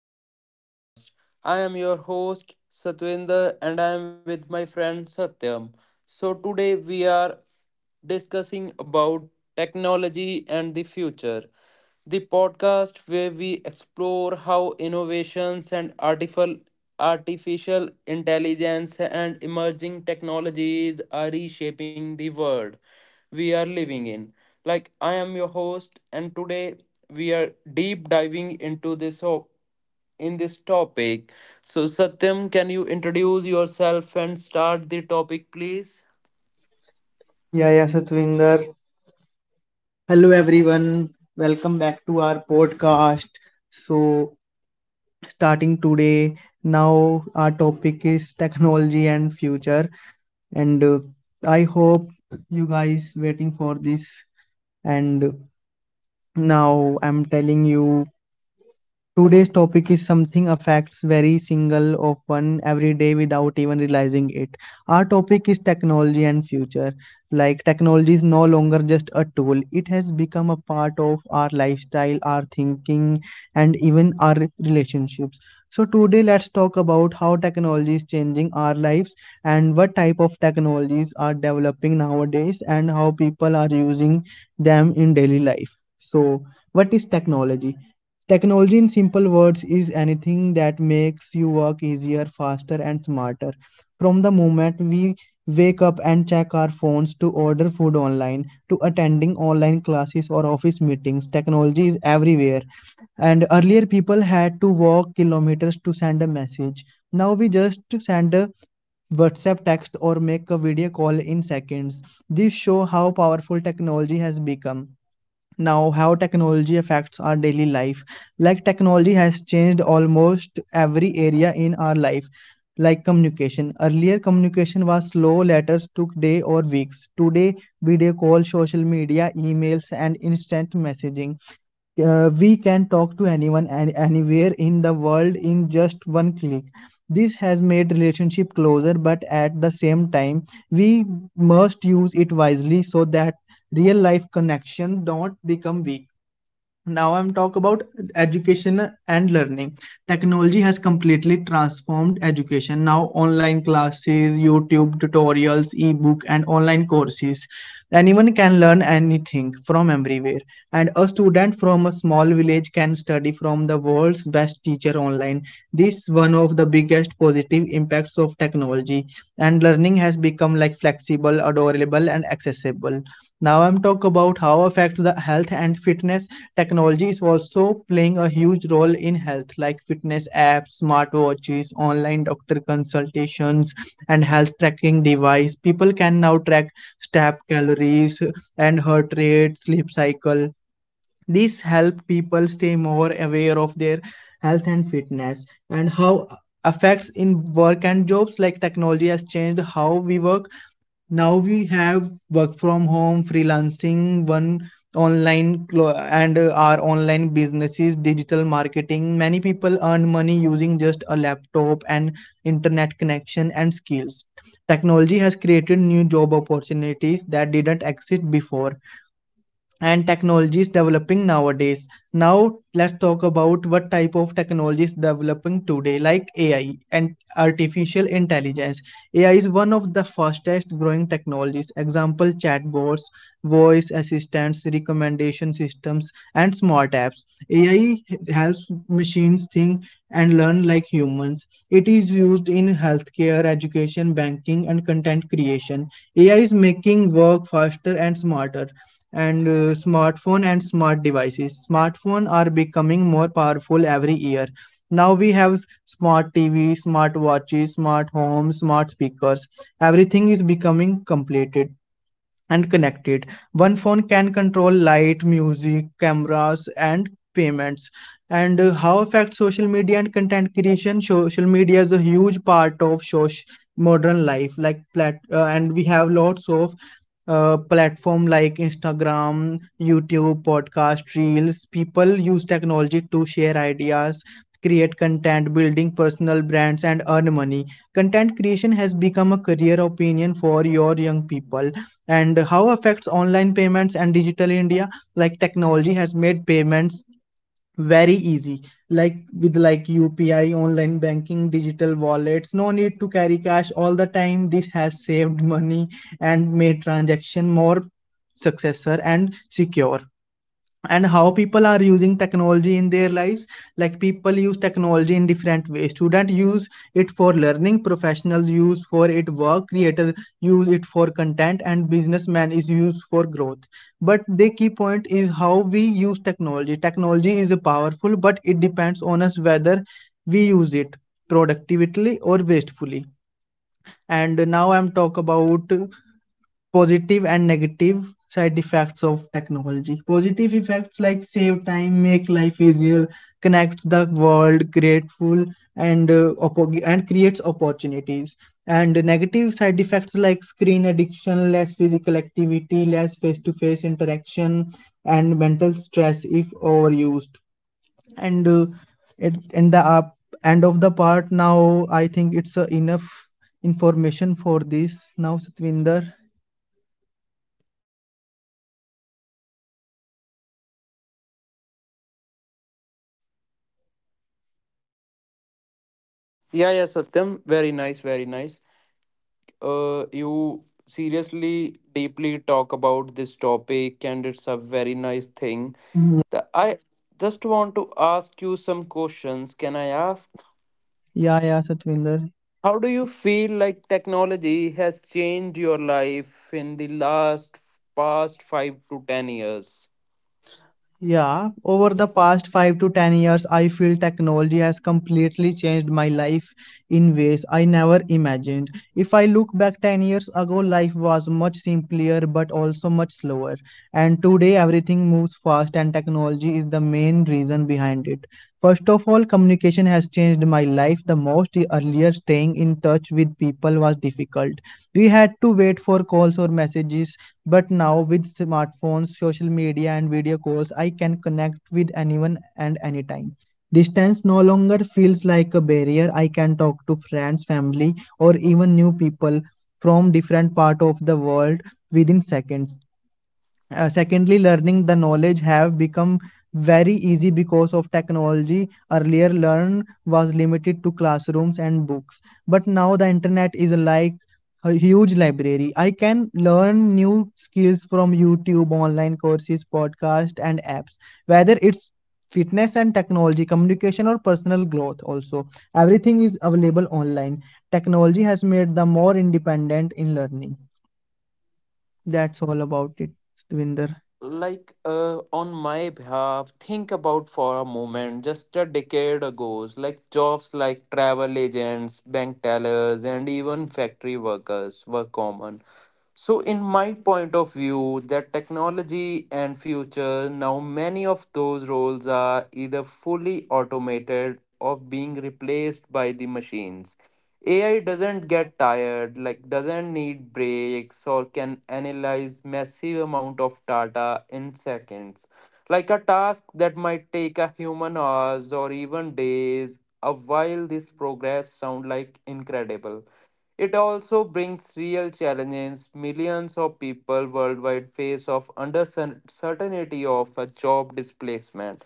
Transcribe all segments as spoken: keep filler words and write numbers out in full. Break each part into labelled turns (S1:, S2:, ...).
S1: our podcast. I am your host Satwinder and I am with my friend Satyam. So today we are discussing about technology and the future. The podcast where we explore how innovations and artificial artificial intelligence and emerging technologies are reshaping the world we are living in. Like, I am your host, and today we are deep diving into this op- in this topic. So, Satyam, can you introduce yourself and start the topic, please?
S2: Yeah, yeah, Satvinder. Hello, everyone. Welcome back to our podcast. So, starting today, now our topic is technology and future. And uh, I hope you guys waiting for this. And now I'm telling you today's topic is something affects very single of one every day without even realizing it. Our topic is technology and future. Like technology is no longer just a tool. It has become a part of our lifestyle, our thinking and even our relationships. So today let's talk about how technology is changing our lives and what type of technologies are developing nowadays and how people are using them in daily life. So what is technology? Technology, in simple words, is anything that makes you work easier, faster, and smarter. From the moment we wake up and check our phones to order food online, to attending online classes or office meetings, technology is everywhere. And earlier, people had to walk kilometers to send a message. Now we just send a WhatsApp text or make a video call in seconds. This shows how powerful technology has become. Now, how technology affects our daily life. Like, technology has changed almost every area in our life, like communication. Earlier, communication was slow, letters took day or weeks. Today, video call, social media, emails, and instant messaging, uh, we can talk to anyone and anywhere in the world in just one click. This has made relationship closer, but at the same time we must use it wisely so that real life connection don't become weak. Now I'm talk about education and learning. Technology has completely transformed education. Now online classes, YouTube tutorials, ebook and online courses. Anyone can learn anything from everywhere. And a student from a small village can study from the world's best teacher online. This is one of the biggest positive impacts of technology. And learning has become like flexible, adorable and accessible. Now I'm talk about how affects the health and fitness. Technology is also playing a huge role in health, like fitness apps, smartwatches, online doctor consultations, and health tracking device. People can now track step calories and heart rate, sleep cycle. These help people stay more aware of their health and fitness. And how affects in work and jobs, like technology has changed how we work. Now we have work from home, freelancing one online clo- and uh, our online businesses, digital marketing. Many people earn money using just a laptop and internet connection and skills. Technology has created new job opportunities that didn't exist before. And technologies developing nowadays. Now let's talk about what type of technologies developing today, like A I and artificial intelligence. A I is one of the fastest growing technologies. Example chatbots, voice assistants, recommendation systems and smart apps. A I helps machines think and learn like humans. It is used in healthcare, education, banking and content creation. A I is making work faster and smarter. And uh, Smartphone and smart devices, smartphone are becoming more powerful every year. Now we have smart TV, smart watches, smart homes, smart speakers. Everything is becoming completed and connected. One phone can control light, music, cameras, and payments. And uh, How affect social media and content creation? So, social media is a huge part of social modern life, like plat, uh, and we have lots of uh, platform like Instagram, YouTube, podcast, reels. People use technology to share ideas, create content, building personal brands, and earn money. Content creation has become a career opinion for your young people. And how affects online payments and digital India. Like technology has made payments very easy, like with like UPI, online banking, digital wallets. No need to carry cash all the time. This has saved money and made transaction more successful and secure. And how people are using technology in their lives. Like people use technology in different ways. Student use it for learning, professionals use for it work, creator use it for content, and businessman is used for growth. But the key point is how we use technology. Technology is powerful, but it depends on us whether we use it productively or wastefully. And now I'm talk about positive and negative side effects of technology. Positive effects like save time, make life easier, connects the world, grateful, and uh, oppo- and creates opportunities. And negative side effects like screen addiction, less physical activity, less face to face interaction, and mental stress if overused. And uh, At in the up end of the part, now I think it's uh, enough information for this. Now Satvinder.
S1: Yeah, yeah, Satyam. Very nice, very nice. Uh, you seriously, deeply talk about this topic, and it's a very nice thing. The, I just want to ask you some questions. Can I ask?
S2: Yeah yeah Satvinder.
S1: How do you feel like technology has changed your life in the last past five to ten years?
S2: Yeah, over the past five to ten years, I feel technology has completely changed my life in ways I never imagined. If I look back ten years ago, life was much simpler but also much slower. And today, everything moves fast, and technology is the main reason behind it. First of all, communication has changed my life the most. Earlier, staying in touch with people was difficult. We had to wait for calls or messages, but now with smartphones, social media, and video calls, I can connect with anyone and anytime. Distance no longer feels like a barrier. I can talk to friends, family, or even new people from different part of the world within seconds. Uh, secondly, learning the knowledge have become very easy because of technology. Earlier learn was limited to classrooms and books, but now the internet is like a huge library. I can learn new skills from YouTube, online courses, podcasts, and apps, whether it's fitness and technology, communication or personal growth. Also everything is available online. Technology has made them more independent in learning. That's all about it, Devinder.
S1: Like uh, on my behalf, think about for a moment just a decade ago, like jobs like travel agents, bank tellers, and even factory workers were common. So, in my point of view, that technology and future, now many of those roles are either fully automated or being replaced by the machines. A I doesn't get tired, like doesn't need breaks or can analyze massive amount of data in seconds. Like a task that might take a human hours or even days, a while this progress sound like incredible, it also brings real challenges. Millions of people worldwide face of under certainty of a job displacement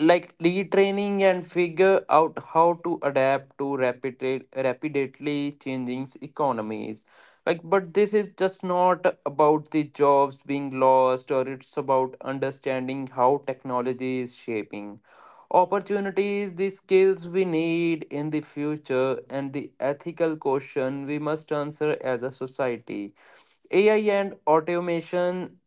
S1: like retraining and figure out how to adapt to rapid, rapidly changing economies. Like, but this is just not about the jobs being lost or it's about understanding how technology is shaping opportunities, the skills we need in the future and the ethical question we must answer as a society. A I and automation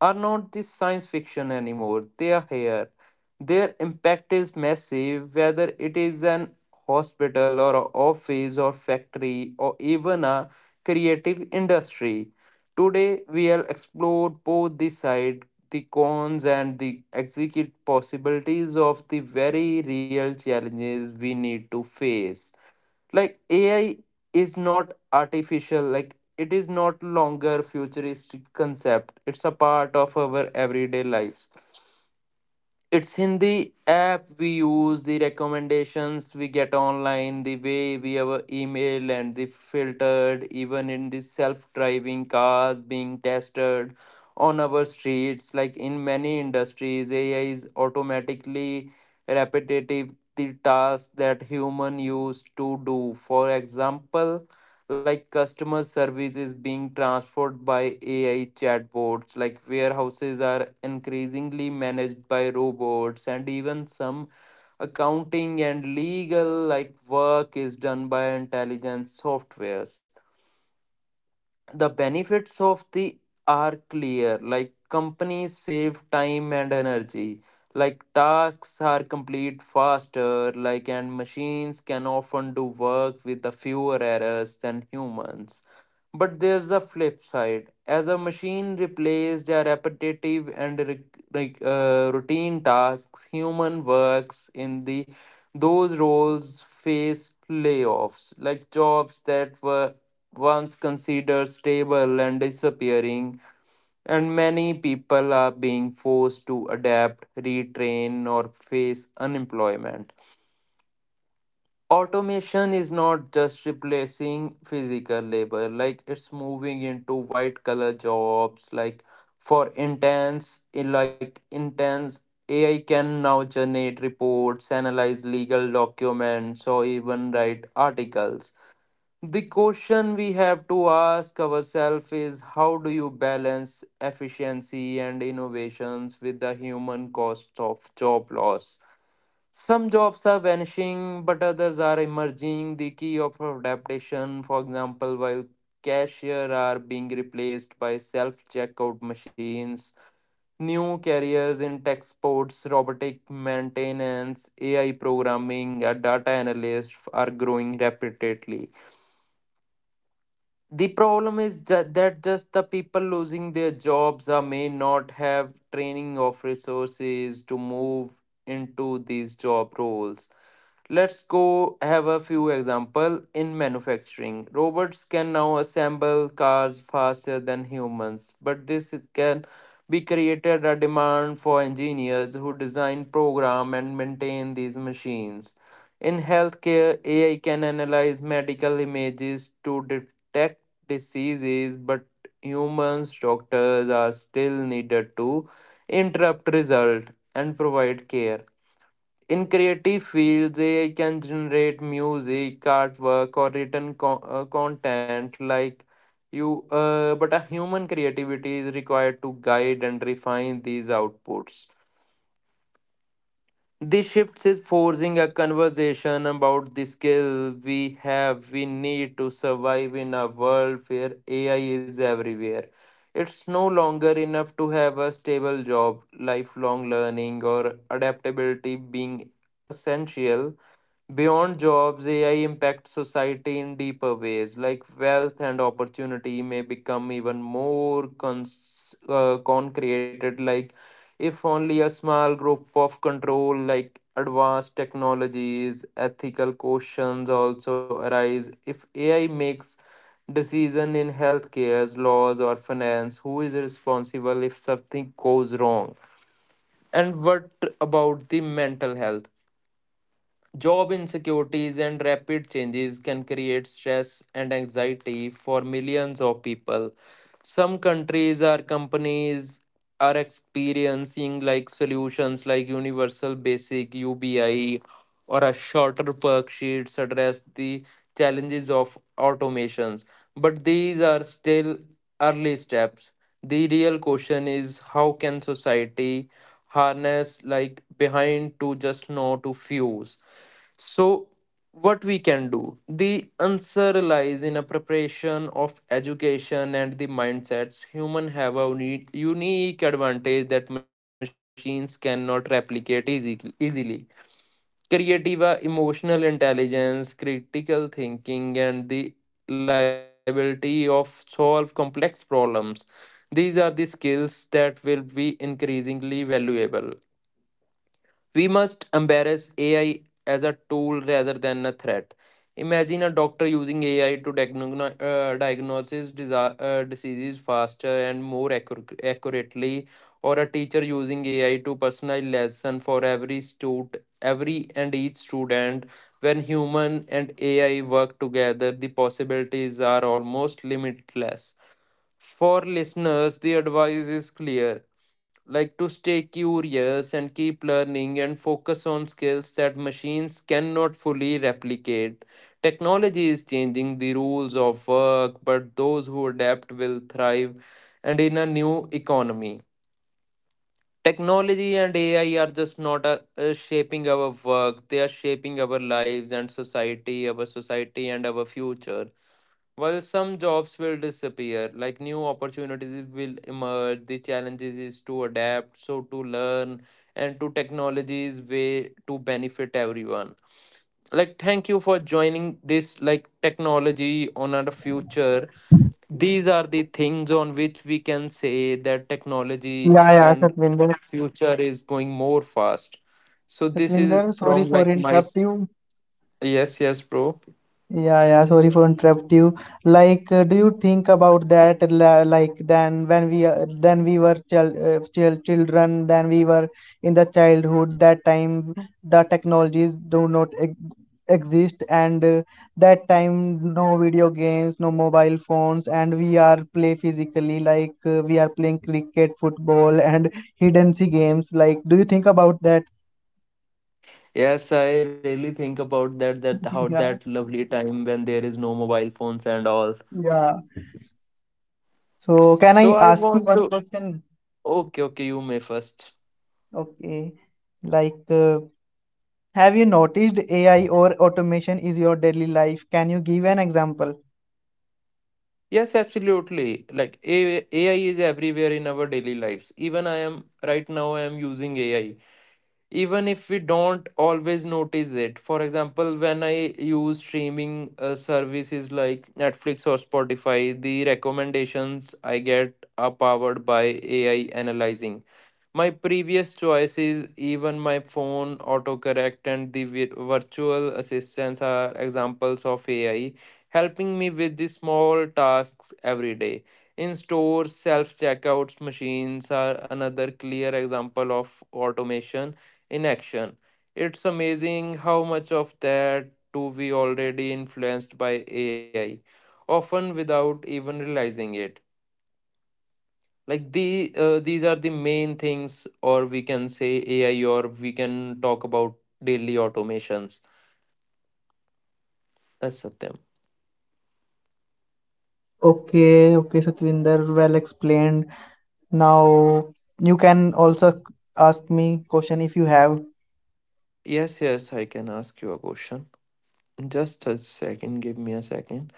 S1: are not the science fiction anymore. They are here. Their impact is massive, whether it is an hospital or a office or factory or even a creative industry. Today we'll explore both the side, the cons and the execute possibilities of the very real challenges we need to face. Like, AI is not artificial, like it is not longer futuristic concept. It's a part of our everyday lives. It's in the app we use, the recommendations we get online, the way we have a email and the filtered, even in the self driving cars being tested on our streets. Like in many industries, A I is automatically repetitive the tasks that human used to do. For example, like customer service is being transformed by A I chatbots, like warehouses are increasingly managed by robots, and even some accounting and legal like work is done by intelligent softwares. The benefits of the are clear, like companies save time and energy. Like tasks are complete faster, like and machines can often do work with the fewer errors than humans. But there's a flip side. As a machine replaced a repetitive and re- re- uh, routine tasks, human works in the those roles face layoffs, like jobs that were once considered stable and disappearing, and many people are being forced to adapt, retrain, or face unemployment. Automation is not just replacing physical labor, like it's moving into white collar jobs, like for intense in like intense AI can now generate reports, analyze legal documents or even write articles. The question we have to ask ourselves is how do you balance efficiency and innovations with the human cost of job loss. Some jobs are vanishing, but others are emerging. The key of adaptation, for example, while cashier are being replaced by self-checkout machines, new careers in tech sports, robotic maintenance, A I programming, and data analysts are growing rapidly. The problem is ju- that just the people losing their jobs or may not have training of resources to move into these job roles. Let's go have a few example in manufacturing. Robots can now assemble cars faster than humans, but this is- can be created a demand for engineers who design, program, and maintain these machines. In healthcare, A I can analyze medical images to detect diseases, but humans, doctors are still needed to interrupt result and provide care. In creative fields, A I can generate music, artwork, or written co- uh, content like you, uh, but a human creativity is required to guide and refine these outputs. This shift is forcing a conversation about the skill we have, we need to survive in a world where A I is everywhere. It's no longer enough to have a stable job, lifelong learning, or adaptability being essential. Beyond jobs, A I impacts society in deeper ways, like wealth and opportunity may become even more cons- uh, concreted. Like, if only a small group of control, like advanced technologies, ethical questions also arise. If A I makes decision in healthcare, laws, or finance, who is responsible if something goes wrong? And what about the mental health? Job insecurities and rapid changes can create stress and anxiety for millions of people. Some countries or companies are experiencing like solutions like universal basic U B I or a shorter work sheets address the challenges of automations. But these are still early steps. The real question is how can society harness like behind to just know to fuse. So, what we can do? The answer lies in a preparation of education and the mindsets. Human have a uni- unique advantage that machines cannot replicate easy- easily. Creative, uh, emotional intelligence, critical thinking, and the liability of solve complex problems. These are the skills that will be increasingly valuable. We must embrace A I as a tool rather than a threat. Imagine a doctor using A I to diagno- uh, diagnose disa- uh, diseases faster and more accur- accurately, or a teacher using A I to personalize lesson for every student, every and each student. When human and A I work together, the possibilities are almost limitless. For listeners, the advice is clear. Like to stay curious and keep learning and focus on skills that machines cannot fully replicate. Technology is changing the rules of work, but those who adapt will thrive and in a new economy. Technology and A I are just not uh, uh, shaping our work, they are shaping our lives and society, our society and our future. While some jobs will disappear, like new opportunities will emerge, the challenges is to adapt, so to learn, and to technology's way to benefit everyone. Like, thank you for joining this, like, technology on our future. These are the things on which we can say that technology
S2: Yeah, yeah,
S1: and
S2: Satvinder.
S1: future is going more fast. So, this is
S2: Satvinder,
S1: from
S2: sorry for
S1: like my.
S2: interrupt you.
S1: Yes, yes, bro.
S2: Yeah, yeah, sorry for interrupt you. Like, uh, do you think about that? la- Like, then when we uh, then we were chil uh, chil children, then we were in the childhood. That time, the technologies do not ex exist, and uh, that time, no video games, no mobile phones, and we are play physically. Like, uh, we are playing cricket, football, and hidden sea games. Like, do you think about that?
S1: Yes, I really think about that that how that
S2: Yeah.
S1: lovely time when there is no mobile phones and all.
S2: Yeah. So can
S1: So
S2: I
S1: I
S2: ask you
S1: want
S2: one
S1: to
S2: question?
S1: okay, okay, you may first.
S2: Okay. Like, uh, have you noticed A I or automation is your daily life? Can you give an example?
S1: Yes, absolutely. Like A- AI is everywhere in our daily lives. Even I am right now I am using A I. Even if we don't always notice it. For example, when I use streaming uh, services like Netflix or Spotify, the recommendations I get are powered by A I analyzing my previous choices. Even my phone autocorrect and the vi- virtual assistants are examples of A I helping me with the small tasks every day. In stores, self checkouts machines are another clear example of automation in action. It's amazing how much of that do we already influenced by A I, often without even realizing it. Like the uh, these are the main things, or we can say AI, or we can talk about daily automations. That's Satyam.
S2: Okay, okay, Satvinder, well explained. Now you can also ask me question if you have.
S1: Yes, yes, I can ask you a question. Just a second, give me a second.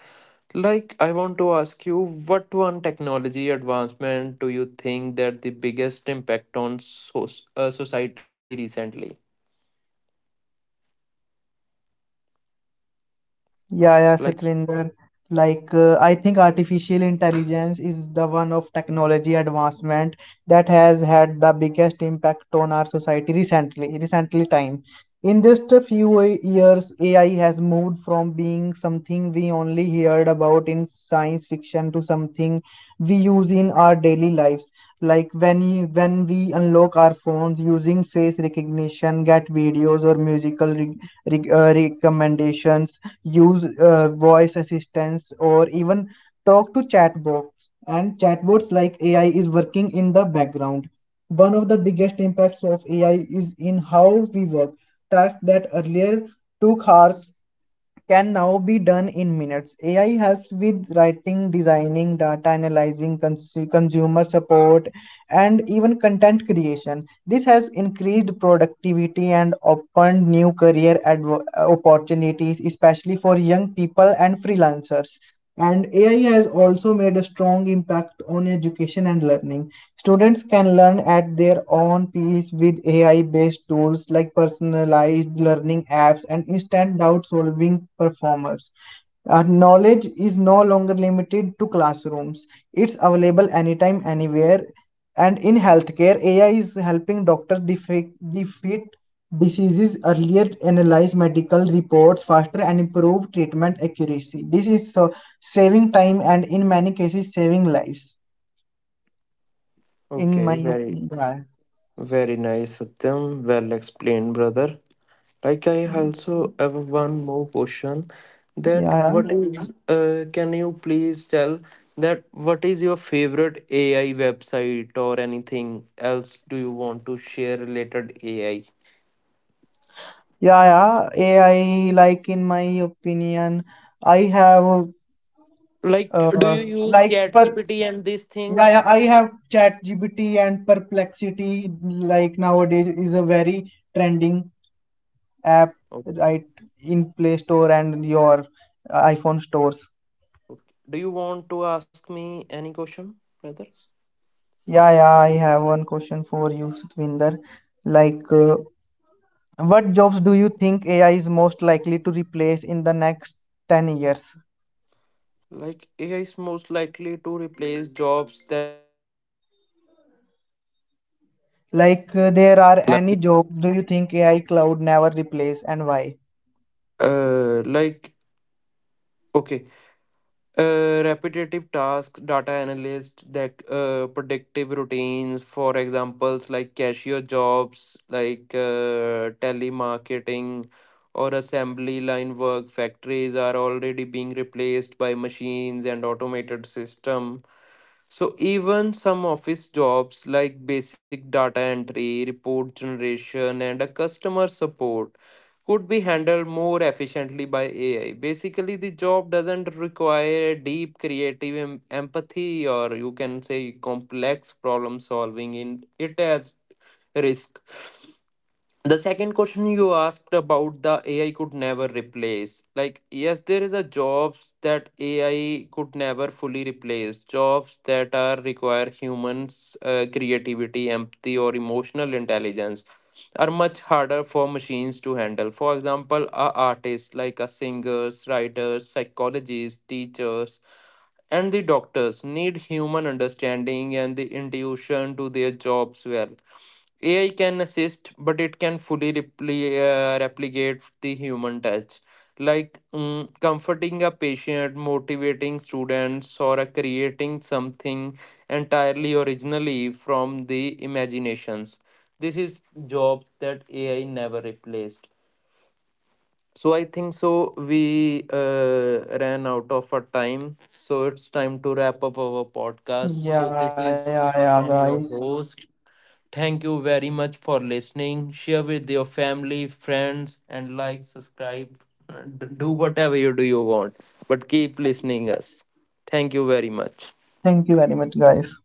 S1: Like I want to ask you, what one technology advancement do you think that the biggest impact on so- uh, society recently?
S2: Yeah, yeah,
S1: Like,
S2: Satvinder. Like, uh, I think artificial intelligence is the one of technology advancement that has had the biggest impact on our society recently, recently time. In just a few a- years, A I has moved from being something we only heard about in science fiction to something we use in our daily lives. Like when you, when we unlock our phones using face recognition, get videos or musical re, re, uh, recommendations, use uh, voice assistants or even talk to chatbots and chatbots. Like AI is working in the background. One of the biggest impacts of AI is in how we work. Tasks that earlier took hours can now be done in minutes. A I helps with writing, designing, data analyzing, cons- consumer support, and even content creation. This has increased productivity and opened new career adv- uh, opportunities, especially for young people and freelancers. And A I has also made a strong impact on education and learning. Students can learn at their own pace with A I-based tools like personalized learning apps and instant doubt-solving performers. Uh, knowledge is no longer limited to classrooms. It's available anytime, anywhere. And in healthcare, A I is helping doctors defe- defeat diseases earlier, analyze medical reports faster, and improve treatment accuracy. This is uh, saving time and, in many cases, saving lives. In my
S1: okay, very
S2: opinion,
S1: very nice Satyam, well explained brother. Like I also have one more question, that
S2: yeah,
S1: what is uh, can you please tell, that what is your favorite A I website or anything else do you want to share related A I?
S2: yeah, yeah. A I, like in my opinion, I have
S1: Like do
S2: uh,
S1: you use
S2: like per
S1: ChatGPT and these
S2: yeah,
S1: things?
S2: yeah, I have ChatGPT and Perplexity. Like nowadays, is a very trending app,
S1: Oh,
S2: right, in Play Store and your iPhone stores.
S1: do you want to ask me any question, brother?
S2: Yeah, yeah. I have one question for you, Satvinder. Like, uh, what jobs do you think A I is most likely to replace in the next ten years?
S1: Like A I is most likely to replace jobs that
S2: Like uh, there are any
S3: like
S2: job do you think A I cloud never replace and why?
S3: uh like okay uh Repetitive tasks, data analyst, that uh predictive routines, for examples like cashier jobs, like uh telemarketing or assembly line work factories are already being replaced by machines and automated system. So even some office jobs like basic data entry, report generation, and a customer support could be handled more efficiently by A I. Basically, the job doesn't require deep creative em- empathy, or you can say complex problem solving, in it has risk. The second question you asked about the AI could never replace, like, yes, there is a jobs that AI could never fully replace. Jobs that are require humans uh, creativity, empathy, or emotional intelligence are much harder for machines to handle. For example, a artist like a singers, writers, psychologists, teachers, and the doctors need human understanding and the intuition to their jobs well. A I can assist, but it can fully repli- uh, replicate the human touch. Like, mm, comforting a patient, motivating students, or uh, creating something entirely originally from the imaginations. This is jobs that A I never replaced. So I think so. We uh, ran out of our time, so it's time to wrap up our podcast.
S2: Yeah,
S3: So this
S2: yeah, yeah,
S3: is from
S2: guys.
S3: your host. Thank you very much for listening. Share with your family, friends, and like, subscribe, do whatever you do you want. But keep listening us. Thank you very much.
S2: Thank you very much, guys.